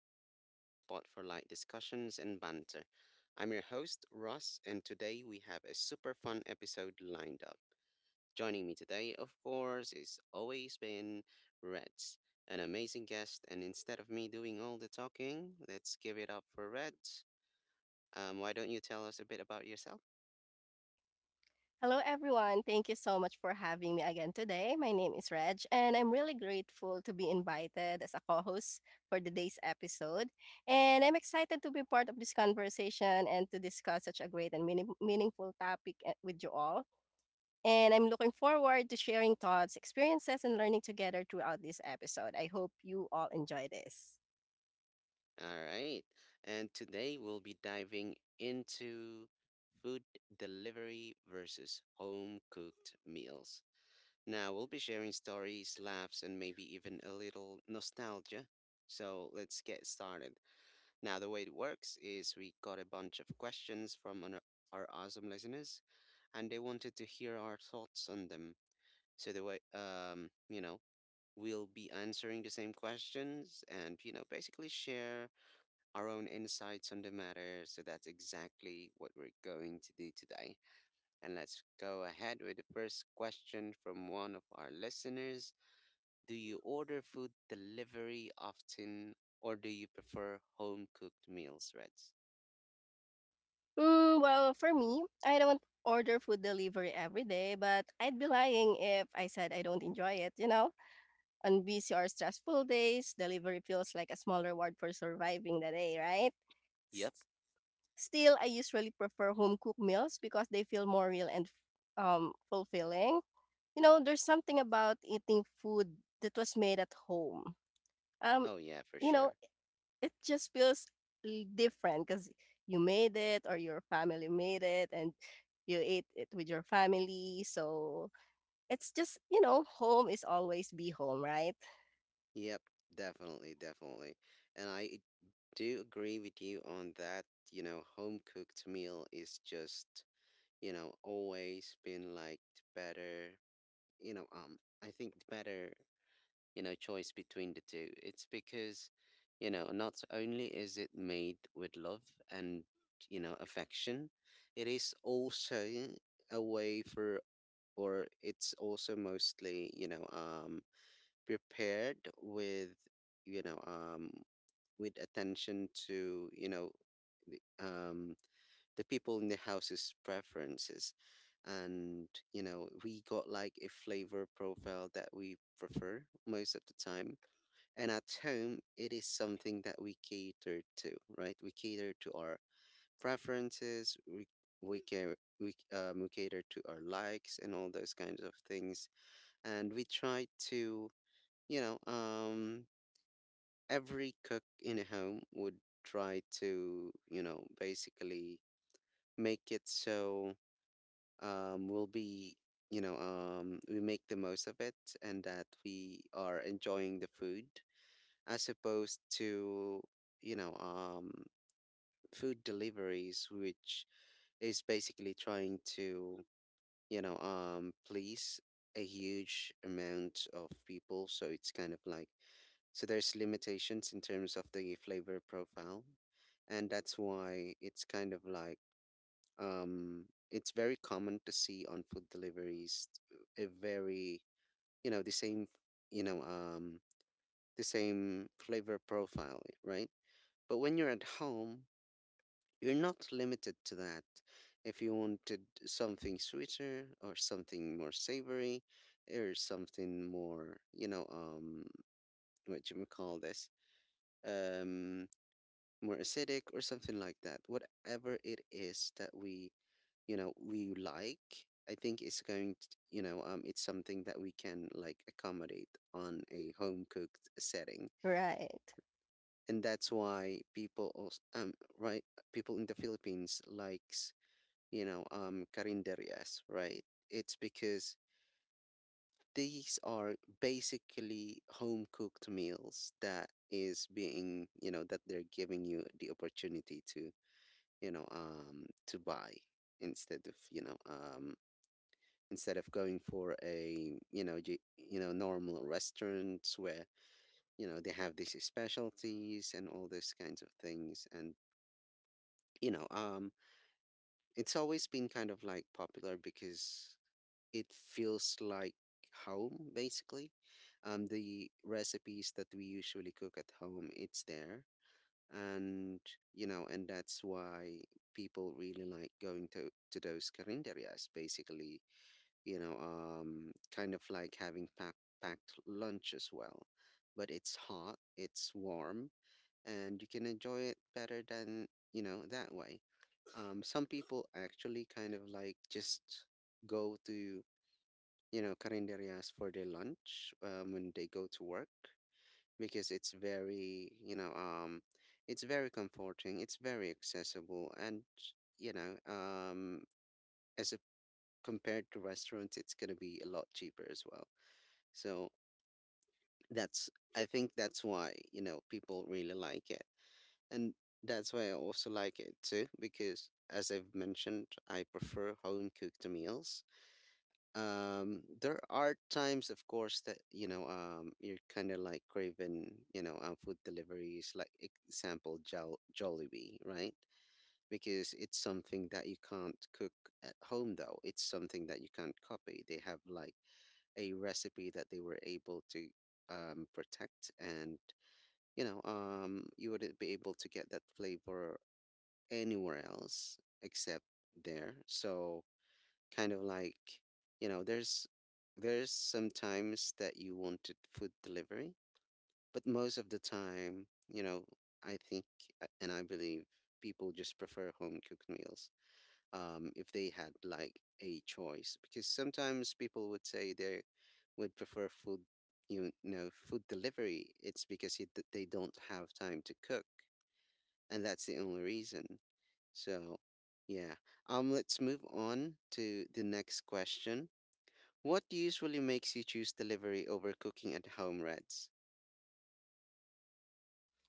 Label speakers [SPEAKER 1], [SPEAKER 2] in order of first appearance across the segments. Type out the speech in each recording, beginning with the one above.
[SPEAKER 1] Podcast, your spot for light discussions and banter. I'm your host, Ross, and today we have a super fun episode lined up. Joining me today, of course, is always been Reds, an amazing guest, and instead of me doing all the talking, let's give it up for Reds. Why don't you tell us a bit about yourself?
[SPEAKER 2] Hello, everyone. Thank you so much for having me again today. My name is Reg, and I'm really grateful to be invited as a co host for today's episode. And I'm excited to be part of this conversation and to discuss such a great and meaningful topic eh, with you all. And I'm looking forward to sharing thoughts, experiences, and learning together throughout this episode. I hope you all enjoy this.
[SPEAKER 1] All right. And today we'll be diving into food delivery versus home cooked meals. Now, we'll be sharing stories, laughs, and maybe even a little nostalgia. So let's get started. Now, the way it works is we got a bunch of questions from our awesome listeners, and they wanted to hear our thoughts on them. So the way, we'll be answering the same questions and, basically share our own insights on the matter. So that's exactly what we're going to do today. And let's go ahead with the first question from one of our listeners. Do you order food delivery often or do you prefer home cooked meals, Reds?
[SPEAKER 2] Well, for me, I don't order food delivery every day, but I'd be lying if I said I don't enjoy it, you know? On busy or stressful days, delivery feels like a small reward for surviving the day, right?
[SPEAKER 1] Yep.
[SPEAKER 2] S- Still, I usually prefer home cooked meals because they feel more real and fulfilling. You know, there's something about eating food that was made at home. Um,
[SPEAKER 1] Oh, yeah, for
[SPEAKER 2] you know,
[SPEAKER 1] sure.
[SPEAKER 2] it just feels different because you made it or your family made it and you ate it with your family. So it's just, you know, home is always be home, right?
[SPEAKER 1] Yep, definitely, definitely. And I do agree with you on that. You know, home cooked meal is just, always been like the better, choice between the two. It's because, not only is it made with love and, affection, it is also a way for, or it's also mostly, prepared with, you know, um, with attention to, the, um, the people in the house's preferences. And, you know, we got like a flavor profile that we prefer most of the time. And at home, it is something that we cater to, right? We cater to our preferences, we care we cater to our likes and all those kinds of things. And we try to, you know, um every cook in a home would try to, basically make it so we'll be, we make the most of it and that we are enjoying the food as opposed to, you know, um, food deliveries, which is basically trying to, please a huge amount of people. So it's kind of like, so there's limitations in terms of the flavor profile. And that's why it's kind of like, um, it's very common to see on food deliveries a very the same you know um, the same flavor profile, right? But when you're at home you're not limited to that. If you wanted something sweeter or something more savory or something more you know what you would call this um more acidic or something like that. Whatever it is that we, we like, I think it's going to, it's something that we can like accommodate on a home cooked setting,
[SPEAKER 2] Right.
[SPEAKER 1] and that's why people also, right, people in the Philippines likes, carinderias, right? It's because these are basically home cooked meals that is being that they're giving you the opportunity to to buy instead of instead of going for a normal restaurants where you know they have these specialties and all those kinds of things, and you know um it's always been kind of like popular because it feels like home basically. The recipes that we usually cook at home, it's there. And you know, and that's why people really like going to those carinderias, basically kind of like having packed lunch as well. But it's hot, it's warm, and you can enjoy it better than you know that way. Some people actually kind of like just go to you know carinderias for their lunch when they go to work because it's very, it's very comforting, it's very accessible, and you know, um, as a, compared to restaurants, it's gonna be a lot cheaper as well. So that's, I think that's why, people really like it, and that's why I also like it too, because as I've mentioned, I prefer home cooked meals. There are times, of course, that you're kind of like craving food deliveries like, example, Jollibee, right? Because it's something that you can't cook at home, though it's something that you can't copy. They have like a recipe that they were able to protect, and you wouldn't be able to get that flavor anywhere else except there. So kind of like, there's sometimes that you wanted food delivery, but most of the time, you know I think and I believe people just prefer home cooked meals if they had like a choice, because sometimes people would say they would prefer food, food delivery. It's because they don't have time to cook, and that's the only reason. So yeah. Let's move on to the next question. What usually makes you choose delivery over cooking at home, Reds?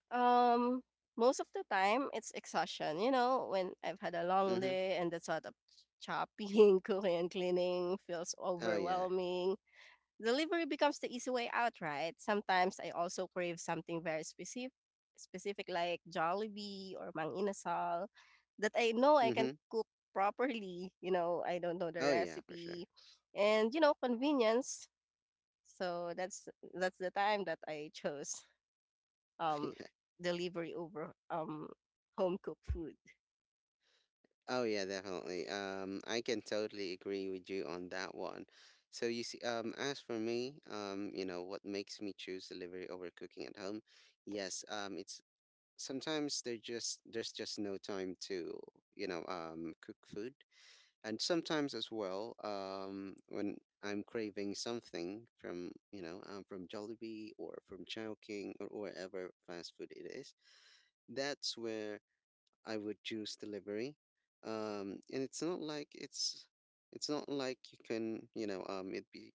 [SPEAKER 2] Um, Most of the time, it's exhaustion. You know, when I've had a long
[SPEAKER 1] Mm-hmm.
[SPEAKER 2] day and the thought of chopping, cooking, and cleaning feels
[SPEAKER 1] Oh yeah.
[SPEAKER 2] overwhelming, delivery becomes the easy way out, right? Sometimes I also crave something very specific like Jollibee or Mang Inasal that I know I can
[SPEAKER 1] Mm-hmm.
[SPEAKER 2] cook properly. You know, I don't know the
[SPEAKER 1] Oh yeah, for sure.
[SPEAKER 2] recipe, and you know, convenience. So that's the time that I chose um
[SPEAKER 1] yeah.
[SPEAKER 2] delivery over home cooked food.
[SPEAKER 1] Oh yeah, definitely. I can totally agree with you on that one. So you see, as for me, you know, what makes me choose delivery over cooking at home? Yes, it's sometimes there just there's just no time to, cook food. And sometimes as well, when I'm craving something from from Jollibee or from Chowking or wherever fast food it is, that's where I would choose delivery. And it's not like you can you know it be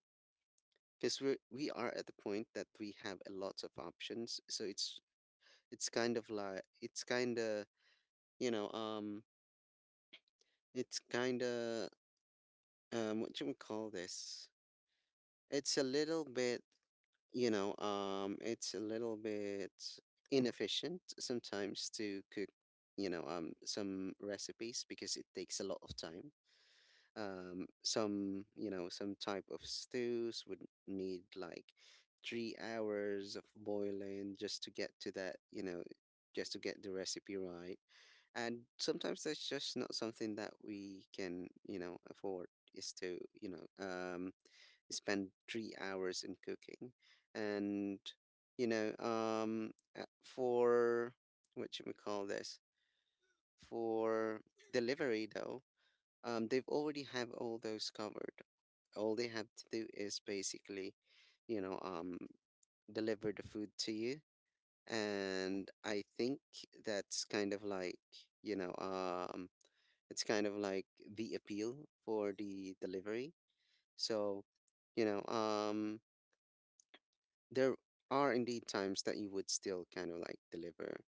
[SPEAKER 1] because we are at the point that we have a lot of options. So it's kind of like it's kind of you know it's kind of what should we call this it's a little bit, it's a little bit inefficient sometimes to cook, some recipes, because it takes a lot of time. Some, some type of stews would need like 3 hours of boiling just to get to that, just to get the recipe right. And sometimes that's just not something that we can, afford is to, spend 3 hours in cooking. And, you know, for what should we call this? For delivery, though, they've already have all those covered. All they have to do is basically, you know, um, deliver the food to you. And I think that's kind of like, you know, um, it's kind of like the appeal for the delivery. So, you know, um, there are indeed times that you would still kind of like deliver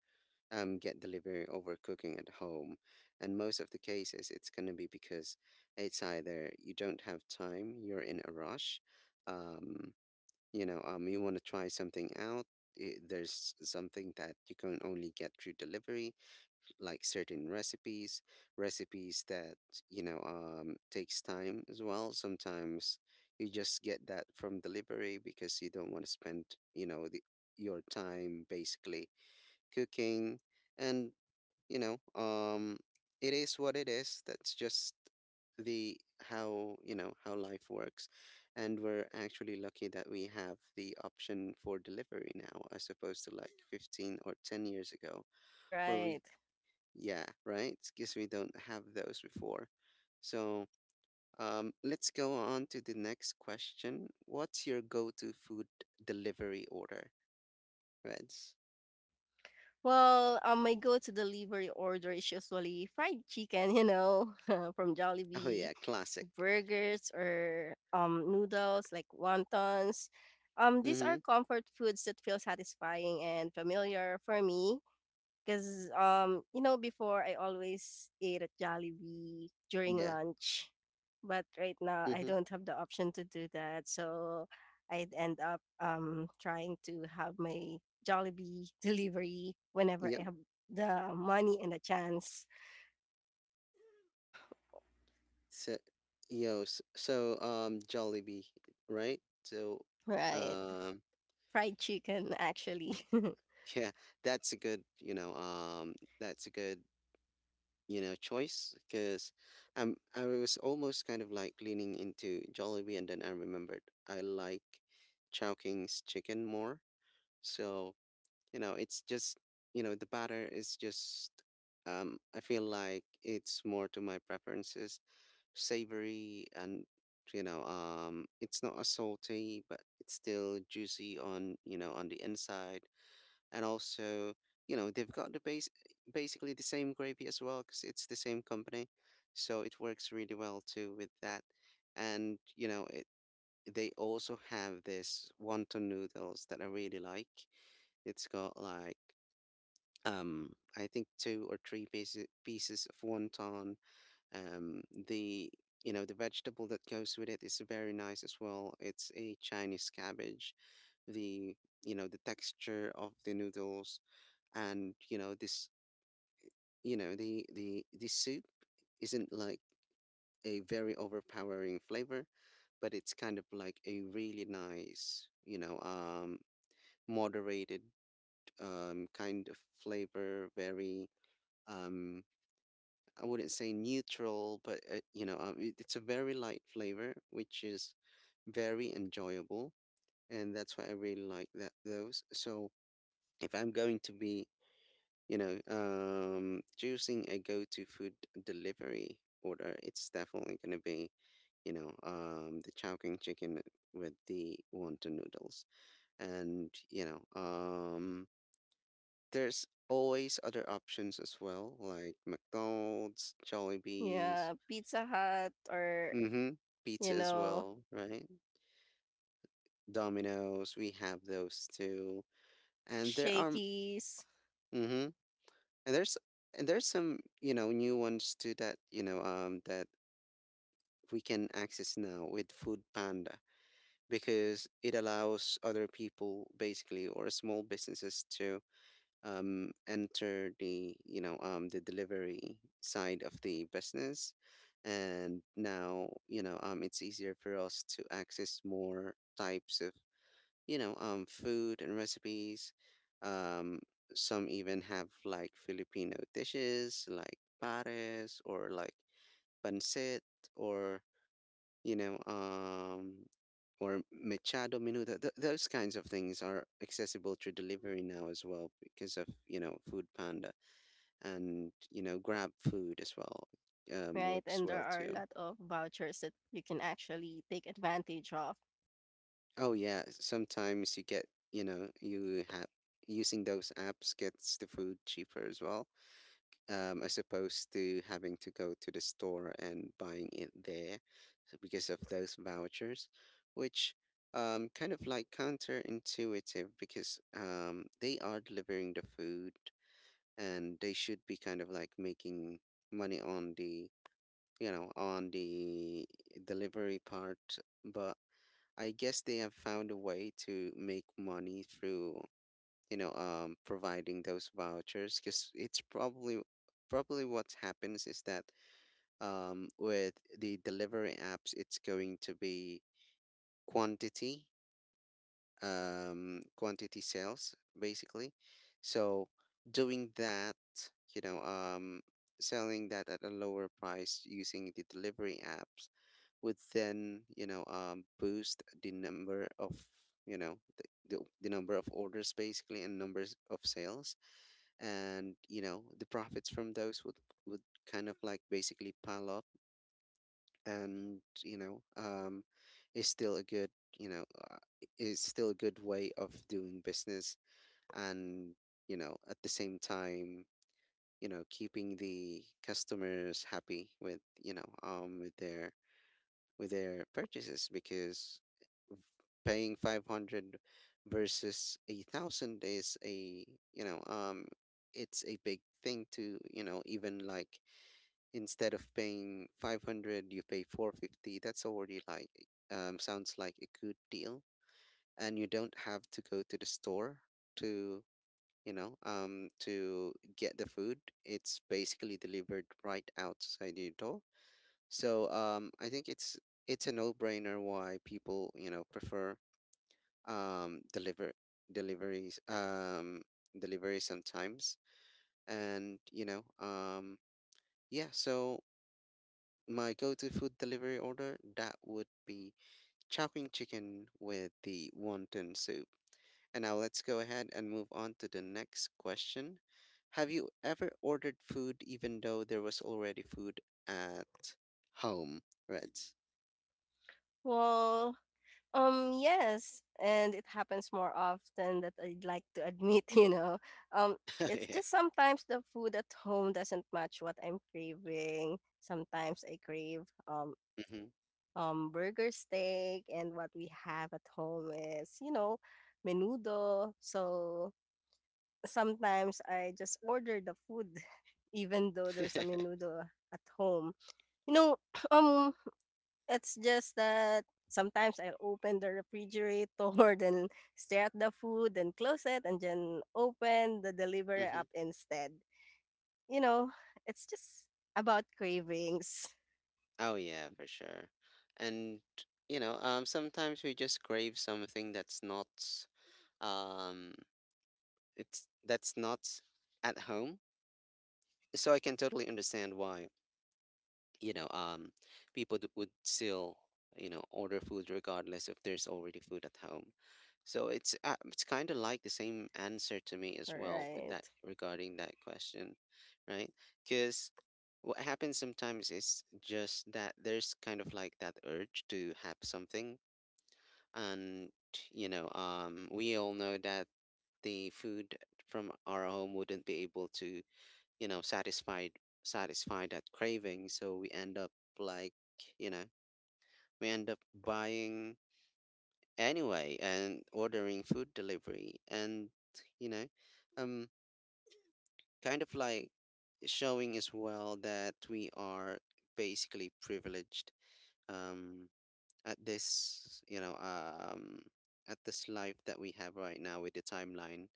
[SPEAKER 1] get delivery over cooking at home. And most of the cases, it's going to be because it's either you don't have time, you're in a rush, um you want to try something out. There's something that you can only get through delivery, like certain recipes that, takes time as well. Sometimes you just get that from delivery because you don't want to spend, the, your time basically cooking. And, you know, um, it is what it is. That's just the how you know how life works. And we're actually lucky that we have the option for delivery now, as opposed to like 15 or 10 years ago where we
[SPEAKER 2] Right.
[SPEAKER 1] yeah, right? Because we don't have those before. So let's go on to the next question. What's your go to food delivery order, Reds?
[SPEAKER 2] Well, my go-to delivery order is usually fried chicken, you know, from
[SPEAKER 1] Oh,
[SPEAKER 2] Jollibee,
[SPEAKER 1] yeah, classic.
[SPEAKER 2] burgers or noodles like wontons. These are
[SPEAKER 1] Mm-hmm.
[SPEAKER 2] comfort foods that feel satisfying and familiar for me. 'Cause, you know, before I always ate at Jollibee during
[SPEAKER 1] Yeah.
[SPEAKER 2] lunch, but right now I
[SPEAKER 1] Mm-hmm.
[SPEAKER 2] don't have the option to do that. So I'd end up trying to have my Jollibee delivery whenever
[SPEAKER 1] Yep.
[SPEAKER 2] I have the money and the chance.
[SPEAKER 1] So, Jollibee, right? So,
[SPEAKER 2] Right.
[SPEAKER 1] um,
[SPEAKER 2] Fried chicken actually.
[SPEAKER 1] yeah, that's a good, that's a good, you know, choice because I was almost kind of like leaning into Jollibee, and then I remembered I like Chowking's chicken more. So, it's just, the batter is just, I feel like it's more to my preferences, savory, and it's not as salty but it's still juicy on you know on the inside. And also, they've got the base, basically the same gravy as well because it's the same company, so it works really well too with that. And you know it, they also have this wonton noodles that I really like. It's got like, um I think two or three pieces of wonton. The The vegetable that goes with it is very nice as well. It's a Chinese cabbage. The The texture of the noodles, and the soup isn't like a very overpowering flavor, but it's kind of like a really nice, moderated, kind of flavor. Very, um, I wouldn't say neutral, but you know it's a very light flavor which is very enjoyable. And that's why I really like that those. So if I'm going to be choosing a go-to food delivery order, it's definitely gonna be, the chow king chicken with the wonton noodles, and, there's always other options as well, like McDonald's, Jollibees,
[SPEAKER 2] Yeah, Pizza Hut or,
[SPEAKER 1] mm-hmm,
[SPEAKER 2] you
[SPEAKER 1] pizza as
[SPEAKER 2] know,
[SPEAKER 1] well, right? Domino's, we have those too, and there are,
[SPEAKER 2] Shakey's,
[SPEAKER 1] mm-hmm, and there's and there's some, new ones too that, that we can access now with Food Panda, because it allows other people basically, or small businesses, to enter the, the delivery side of the business. And now, it's easier for us to access more types of, food and recipes. um, some even have like Filipino dishes, like pares, or like pancit, or, you know, um, or Machado Menudo. Those kinds of things are accessible through delivery now as well because of, Food Panda, and, Grab Food as well,
[SPEAKER 2] right?
[SPEAKER 1] works
[SPEAKER 2] And there
[SPEAKER 1] well
[SPEAKER 2] are a
[SPEAKER 1] too.
[SPEAKER 2] lot of vouchers that you can actually take advantage of.
[SPEAKER 1] Oh, yeah. Sometimes you get, you have, using those apps gets the food cheaper as well, as opposed to having to go to the store and buying it there, so because of those vouchers, which kind of like counterintuitive because they are delivering the food and they should be kind of like making money on the, you know on the delivery part. But I guess they have found a way to make money through, providing those vouchers, because it's probably what happens is that, with the delivery apps, it's going to be quantity, quantity sales basically. So, doing that, you know um selling that at a lower price using the delivery apps would then, boost the number of, you know the, the number of orders basically, and numbers of sales. And, the profits from those would kind of like basically pile up. And, is still a good, you know uh, is still a good way of doing business. And, at the same time, keeping the customers happy with, with their purchases. Because paying 500 versus a thousand is a, you know um it's a big thing to, even like, instead of paying 500, you pay 450, that's already like, sounds like a good deal. And you don't have to go to the store to, to get the food, it's basically delivered right outside your door. So, I think it's a no-brainer why people, prefer, um, deliver deliveries, delivery sometimes. And, yeah. So my go-to food delivery order, that would be Chowking chicken with the wonton soup. And now let's go ahead and move on to the next question. Have you ever ordered food even though there was already food at home, Reds?
[SPEAKER 2] Well, yes, and it happens more often that I'd like to admit, you know. Um, it's
[SPEAKER 1] Yeah.
[SPEAKER 2] just sometimes the food at home doesn't match what I'm craving. Sometimes I crave
[SPEAKER 1] Mm-hmm.
[SPEAKER 2] burger steak and what we have at home is, you know, menudo. So sometimes I just order the food even though there's a menudo at home. You know, um it's just that sometimes I'll open the refrigerator, then stare at the food, then close it, and then open the delivery
[SPEAKER 1] Hmm.
[SPEAKER 2] app instead. You know, it's just about cravings.
[SPEAKER 1] Oh yeah, for sure. And, sometimes we just crave something that's not, um, it's that's not at home. So I can totally understand why. you know um People would still, order food regardless if there's already food at home. So it's kind of like the same answer to me as well with that,
[SPEAKER 2] Right.
[SPEAKER 1] regarding that question, right? Because what happens sometimes is just that there's kind of like that urge to have something. And, we all know that the food from our home wouldn't be able to, satisfied satisfy that craving, so we end up, like, you know we end up buying anyway and ordering food delivery. And, you know um kind of like showing as well that we are basically privileged, um at this, at this life that we have right now, with the timeline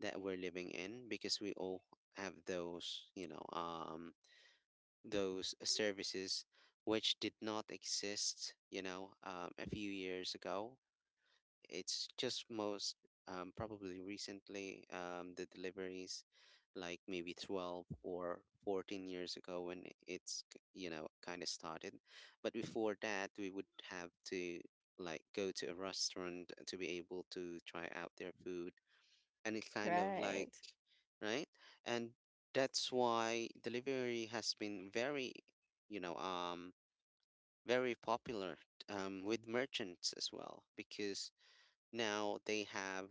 [SPEAKER 1] that we're living in. Because we all have those, those, services which did not exist, a few years ago. It's just most, probably recently, the deliveries, like maybe 12 or 14 years ago when it's, kind of started. But before that, we would have to like go to a restaurant to be able to try out their food. Any kind of like,
[SPEAKER 2] Right.
[SPEAKER 1] right. And that's why delivery has been very, you know um very popular, with merchants as well. Because now they have,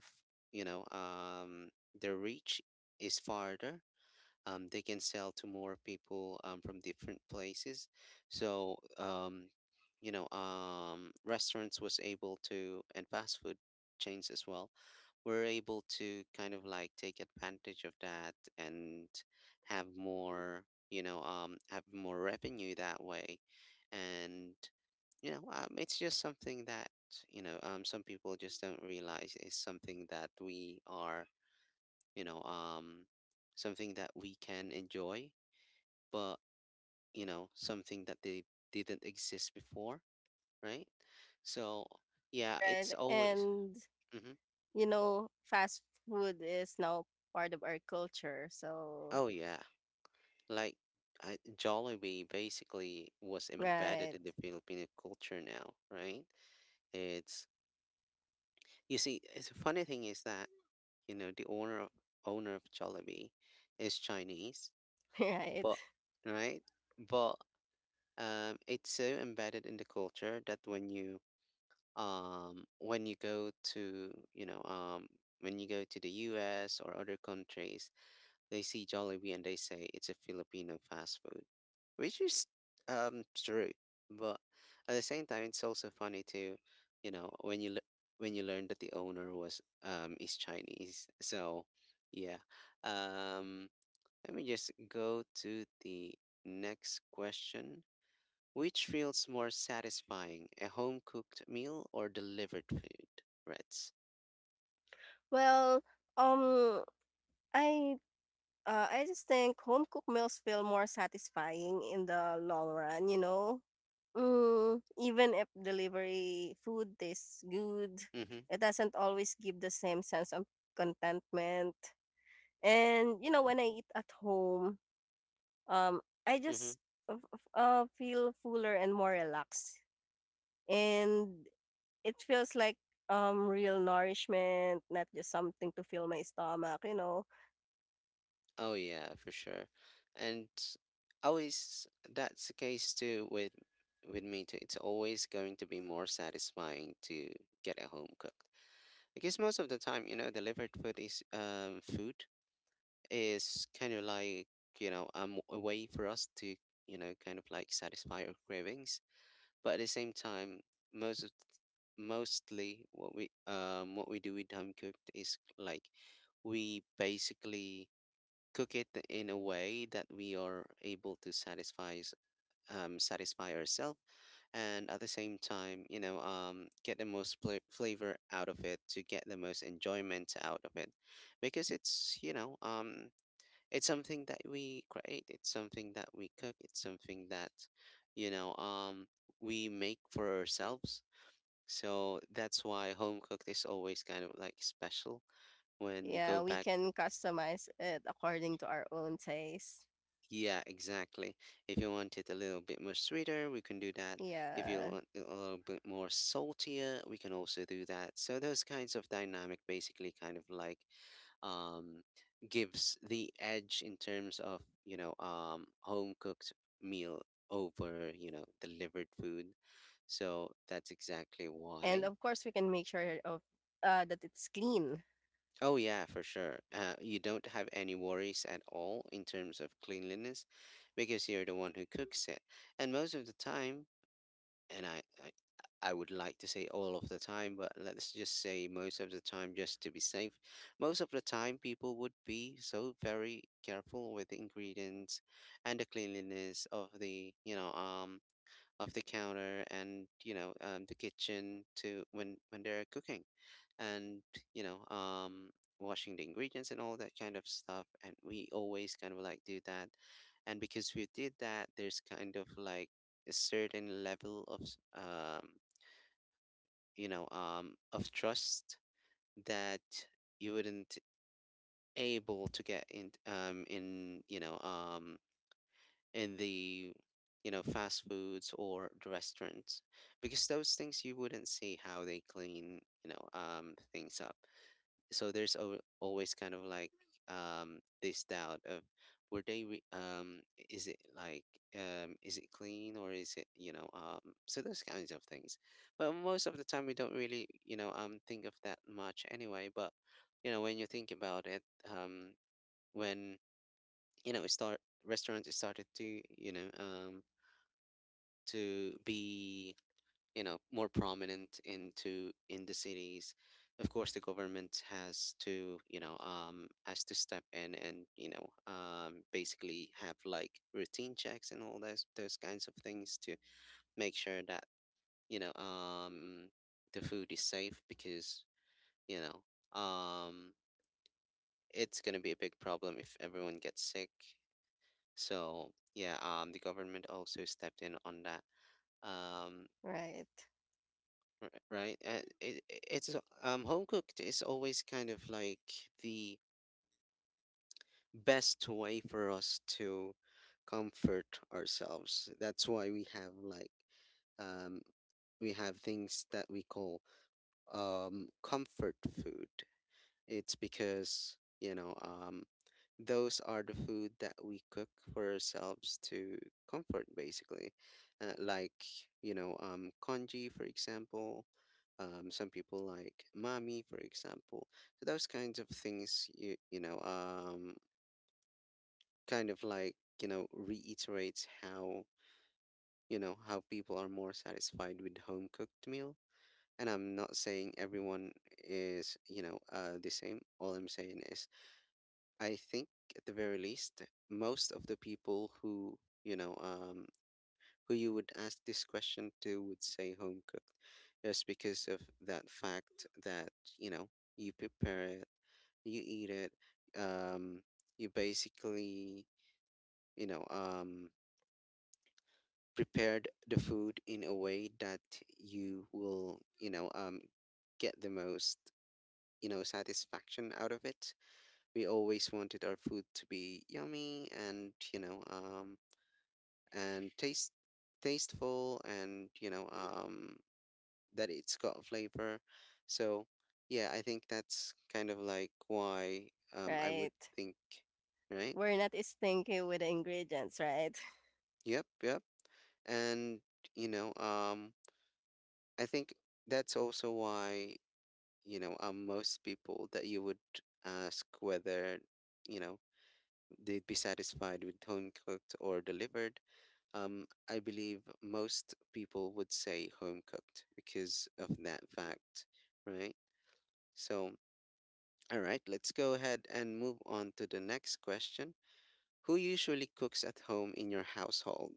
[SPEAKER 1] you know um their reach is farther. They can sell to more people, from different places. So, restaurants was able to, and fast food chains as well, were able to kind of like take advantage of that and have more, have more revenue that way. And, it's just something that, some people just don't realize is something that we are, you know, um, something that we can enjoy, but, something that they didn't exist before, right? So yeah,
[SPEAKER 2] Right.
[SPEAKER 1] it's always.
[SPEAKER 2] And,
[SPEAKER 1] Hmm.
[SPEAKER 2] you know, fast food is now part of our culture. So,
[SPEAKER 1] Oh yeah, like I, Jollibee basically was embedded
[SPEAKER 2] right.
[SPEAKER 1] in the Filipino culture now, right? It's you see, the funny thing is that, the owner of Jollibee is Chinese,
[SPEAKER 2] Right.
[SPEAKER 1] but right, but it's so embedded in the culture that um, when you go to you know um, when you go to the U.S. or other countries, they see Jollibee and they say it's a Filipino fast food, which is, true. But at the same time, it's also funny too, you know, when you le- when you learn that the owner was, is Chinese. So yeah, um, let me just go to the next question. Which feels more satisfying, a home cooked meal or delivered food? Reds.
[SPEAKER 2] Well, um, I I just think home cooked meals feel more satisfying in the long run, you know? Mm, even if delivery food tastes good,
[SPEAKER 1] Mm-hmm.
[SPEAKER 2] it doesn't always give the same sense of contentment. And, you know, when I eat at home, um, I
[SPEAKER 1] Mm-hmm.
[SPEAKER 2] just feel fuller and more relaxed. And it feels like real nourishment, not just something to fill my stomach, you know?
[SPEAKER 1] Oh yeah, for sure. And always that's the case too with me too. It's always going to be more satisfying to get a home cooked. Because most of the time, delivered food is, food is kind of like, a way for us to, kind of like satisfy our cravings. But at the same time, most of, mostly what we, what we do with home cooked is like we basically cook it in a way that we are able to satisfy ourselves, and at the same time, get the most pla flavor out of it, to get the most enjoyment out of it. Because it's, it's something that we create, it's something that we cook, it's something that, you know, um, we make for ourselves. So that's why home cooked is always kind of like special when you
[SPEAKER 2] Yeah,
[SPEAKER 1] go
[SPEAKER 2] we
[SPEAKER 1] back.
[SPEAKER 2] can customize it according to our own taste.
[SPEAKER 1] Yeah, exactly. If you want it a little bit more sweeter, we can do that. If you
[SPEAKER 2] Yeah.
[SPEAKER 1] want it a little bit more saltier, we can also do that. So those kinds of dynamic basically kind of like, um, gives the edge in terms of, home cooked meal over, delivered food. So that's exactly
[SPEAKER 2] And
[SPEAKER 1] why.
[SPEAKER 2] of course, we can make sure of that it's clean.
[SPEAKER 1] Oh yeah, for sure. You don't have any worries at all in terms of cleanliness because you're the one who cooks it. And most of the time, and I would like to say all of the time, but let's just say most of the time, just to be safe. Most of the time, people would be so very careful with the ingredients and the cleanliness of the you know of the counter, and the kitchen to when they're cooking, and you know um washing the ingredients and all that kind of stuff, and we always kind of like do that. And because we did that, there's kind of like a certain level of trust that you wouldn't able to get in, in the fast foods or the restaurants, because those things you wouldn't see how they clean things up. So there's always kind of like this doubt of, were they re- is it like is it clean, or is it? So those kinds of things. But most of the time we don't really think of that much anyway. But when you think about it, um when you know it start restaurants started to be more prominent into in the cities. Of course, the government has to step in and basically have like routine checks and all those kinds of things to make sure that you know um the food is safe, because you know um it's going to be a big problem if everyone gets sick. So yeah, the government also stepped in on that. um
[SPEAKER 2] Right.
[SPEAKER 1] right? It, it's Home cooked is always kind of like the best way for us to comfort ourselves. That's why we have, like, um we have things that we call comfort food. It's because those are the food that we cook for ourselves to comfort, basically. Like, congee, for example. Some people like mami, for example. So those kinds of things, kind of like, reiterates how you know how people are more satisfied with home cooked meal. And I'm not saying everyone is, the same. All I'm saying is, I think, at the very least, most of the people who you would ask this question to would say home cooked, just because of that fact that you know you prepare it, you eat it, um, you basically, you know um, prepared the food in a way that you will, get the most satisfaction out of it. We always wanted our food to be yummy, and tasteful, and, that it's got flavor. So, yeah, I think that's kind of like why, I would
[SPEAKER 2] Right.
[SPEAKER 1] think, right?
[SPEAKER 2] We're not stinky with the ingredients, right?
[SPEAKER 1] Yep, yep. And, you know, um, I think that's also why, most people that you would ask whether, you know, they'd be satisfied with home cooked or delivered. I believe most people would say home cooked because of that fact, right? So, all right, let's go ahead and move on to the next question. Who usually cooks at home in your household?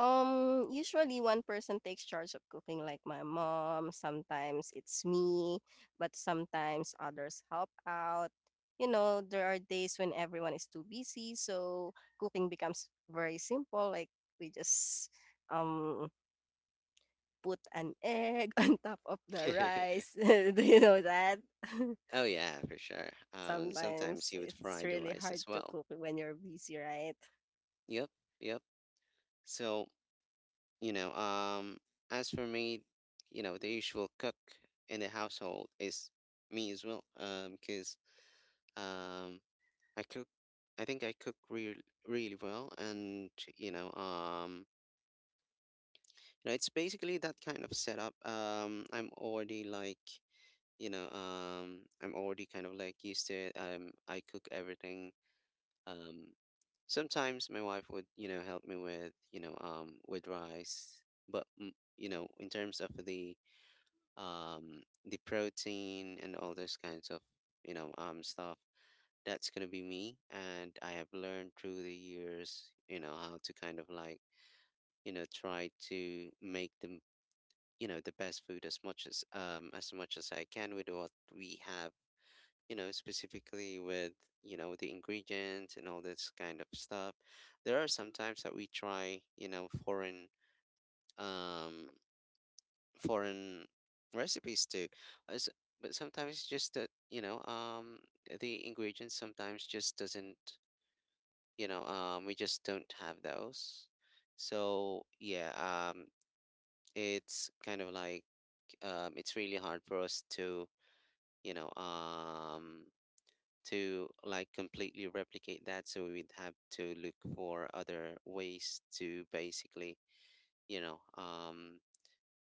[SPEAKER 2] Usually one person takes charge of cooking, like my mom. Sometimes it's me, but sometimes others help out. You know, there are days when everyone is too busy, so cooking becomes very simple. Like we just um put an egg on top of the rice. Do you know that?
[SPEAKER 1] Oh yeah, for sure. Sometimes
[SPEAKER 2] Sometimes
[SPEAKER 1] you would
[SPEAKER 2] it's
[SPEAKER 1] fry the
[SPEAKER 2] really
[SPEAKER 1] rice
[SPEAKER 2] hard
[SPEAKER 1] as
[SPEAKER 2] to
[SPEAKER 1] well.
[SPEAKER 2] cook when you're busy, right?
[SPEAKER 1] Yep, yep. So, You know, um, as for me, the usual cook in the household is me as well. Because um, I cook, I think I cook really well, and, you know, um, it's basically that kind of setup. I'm already kind of like used to it. I cook everything. Um, Sometimes my wife would, help me with rice, but in terms of the protein and all those kinds of stuff. That's gonna be me, and I have learned through the years, how to kind of like try to make them the best food, as much as I can, with what we have. Specifically with the ingredients and all this kind of stuff. There are some times that we try, um foreign recipes too. Uh, s- But sometimes it's just that, the ingredients sometimes just doesn't, we just don't have those. So yeah, it's kind of like, it's really hard for us you know, um, to like completely replicate that. So we'd have to look for other ways to basically, you know,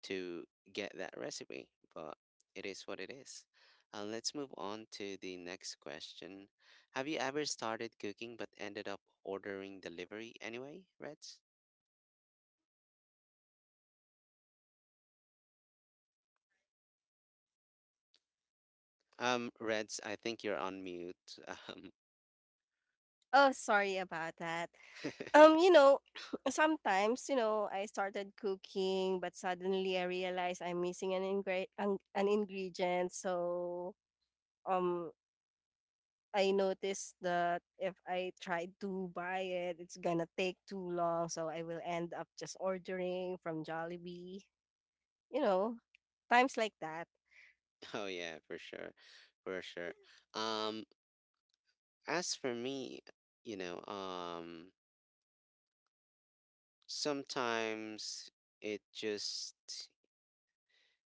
[SPEAKER 1] to get that recipe, but it is what it is. Let's move on to the next question. Have you ever started cooking but ended up ordering delivery anyway, Reds? Reds, I think you're on mute. Um,
[SPEAKER 2] Oh, sorry about that. You know, sometimes, you know, I started cooking, but suddenly I realized I'm missing an an ingredient. So, um, I noticed that if I try to buy it, it's gonna take too long. So I will end up just ordering from Jollibee, you know, times like that.
[SPEAKER 1] oh yeah, for sure, for sure. Um, as for me, you know, um, sometimes it just,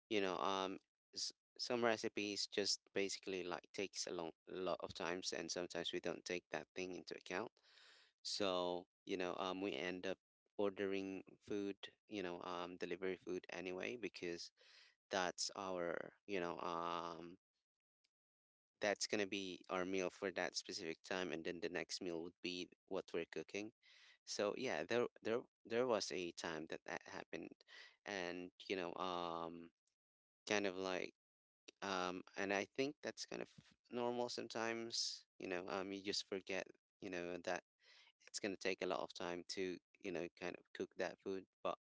[SPEAKER 1] you know um s- some recipes just basically like takes a long lot of times, and sometimes we don't take that thing into account. So we end up ordering food, delivery food anyway, because that's our you know um that's going to be our meal for that specific time, and then the next meal would be what we're cooking. So yeah, there was a time that that happened, and kind of like, and I think that's kind of normal. Sometimes, you just forget, that it's going to take a lot of time to, kind of cook that food, but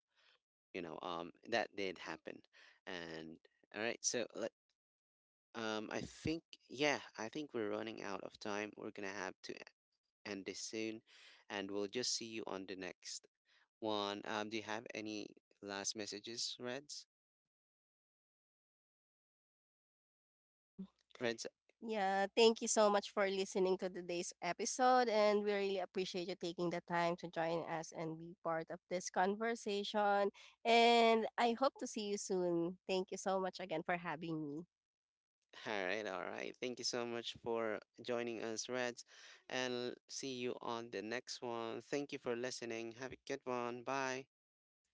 [SPEAKER 1] that did happen. And, all right, so let I think, yeah, I think we're running out of time. We're going to have to end this soon, and we'll just see you on the next one. Do you have any last messages, Reds?
[SPEAKER 2] Mm.
[SPEAKER 1] Reds?
[SPEAKER 2] Yeah, thank you so much for listening to today's episode, and we really appreciate you taking the time to join us and be part of this conversation. And I hope to see you soon. Thank you so much again for having me.
[SPEAKER 1] All right, all right. Thank you so much for joining us, Reds, and see you on the next one. Thank you for listening. Have a good one. Bye.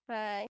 [SPEAKER 2] Bye.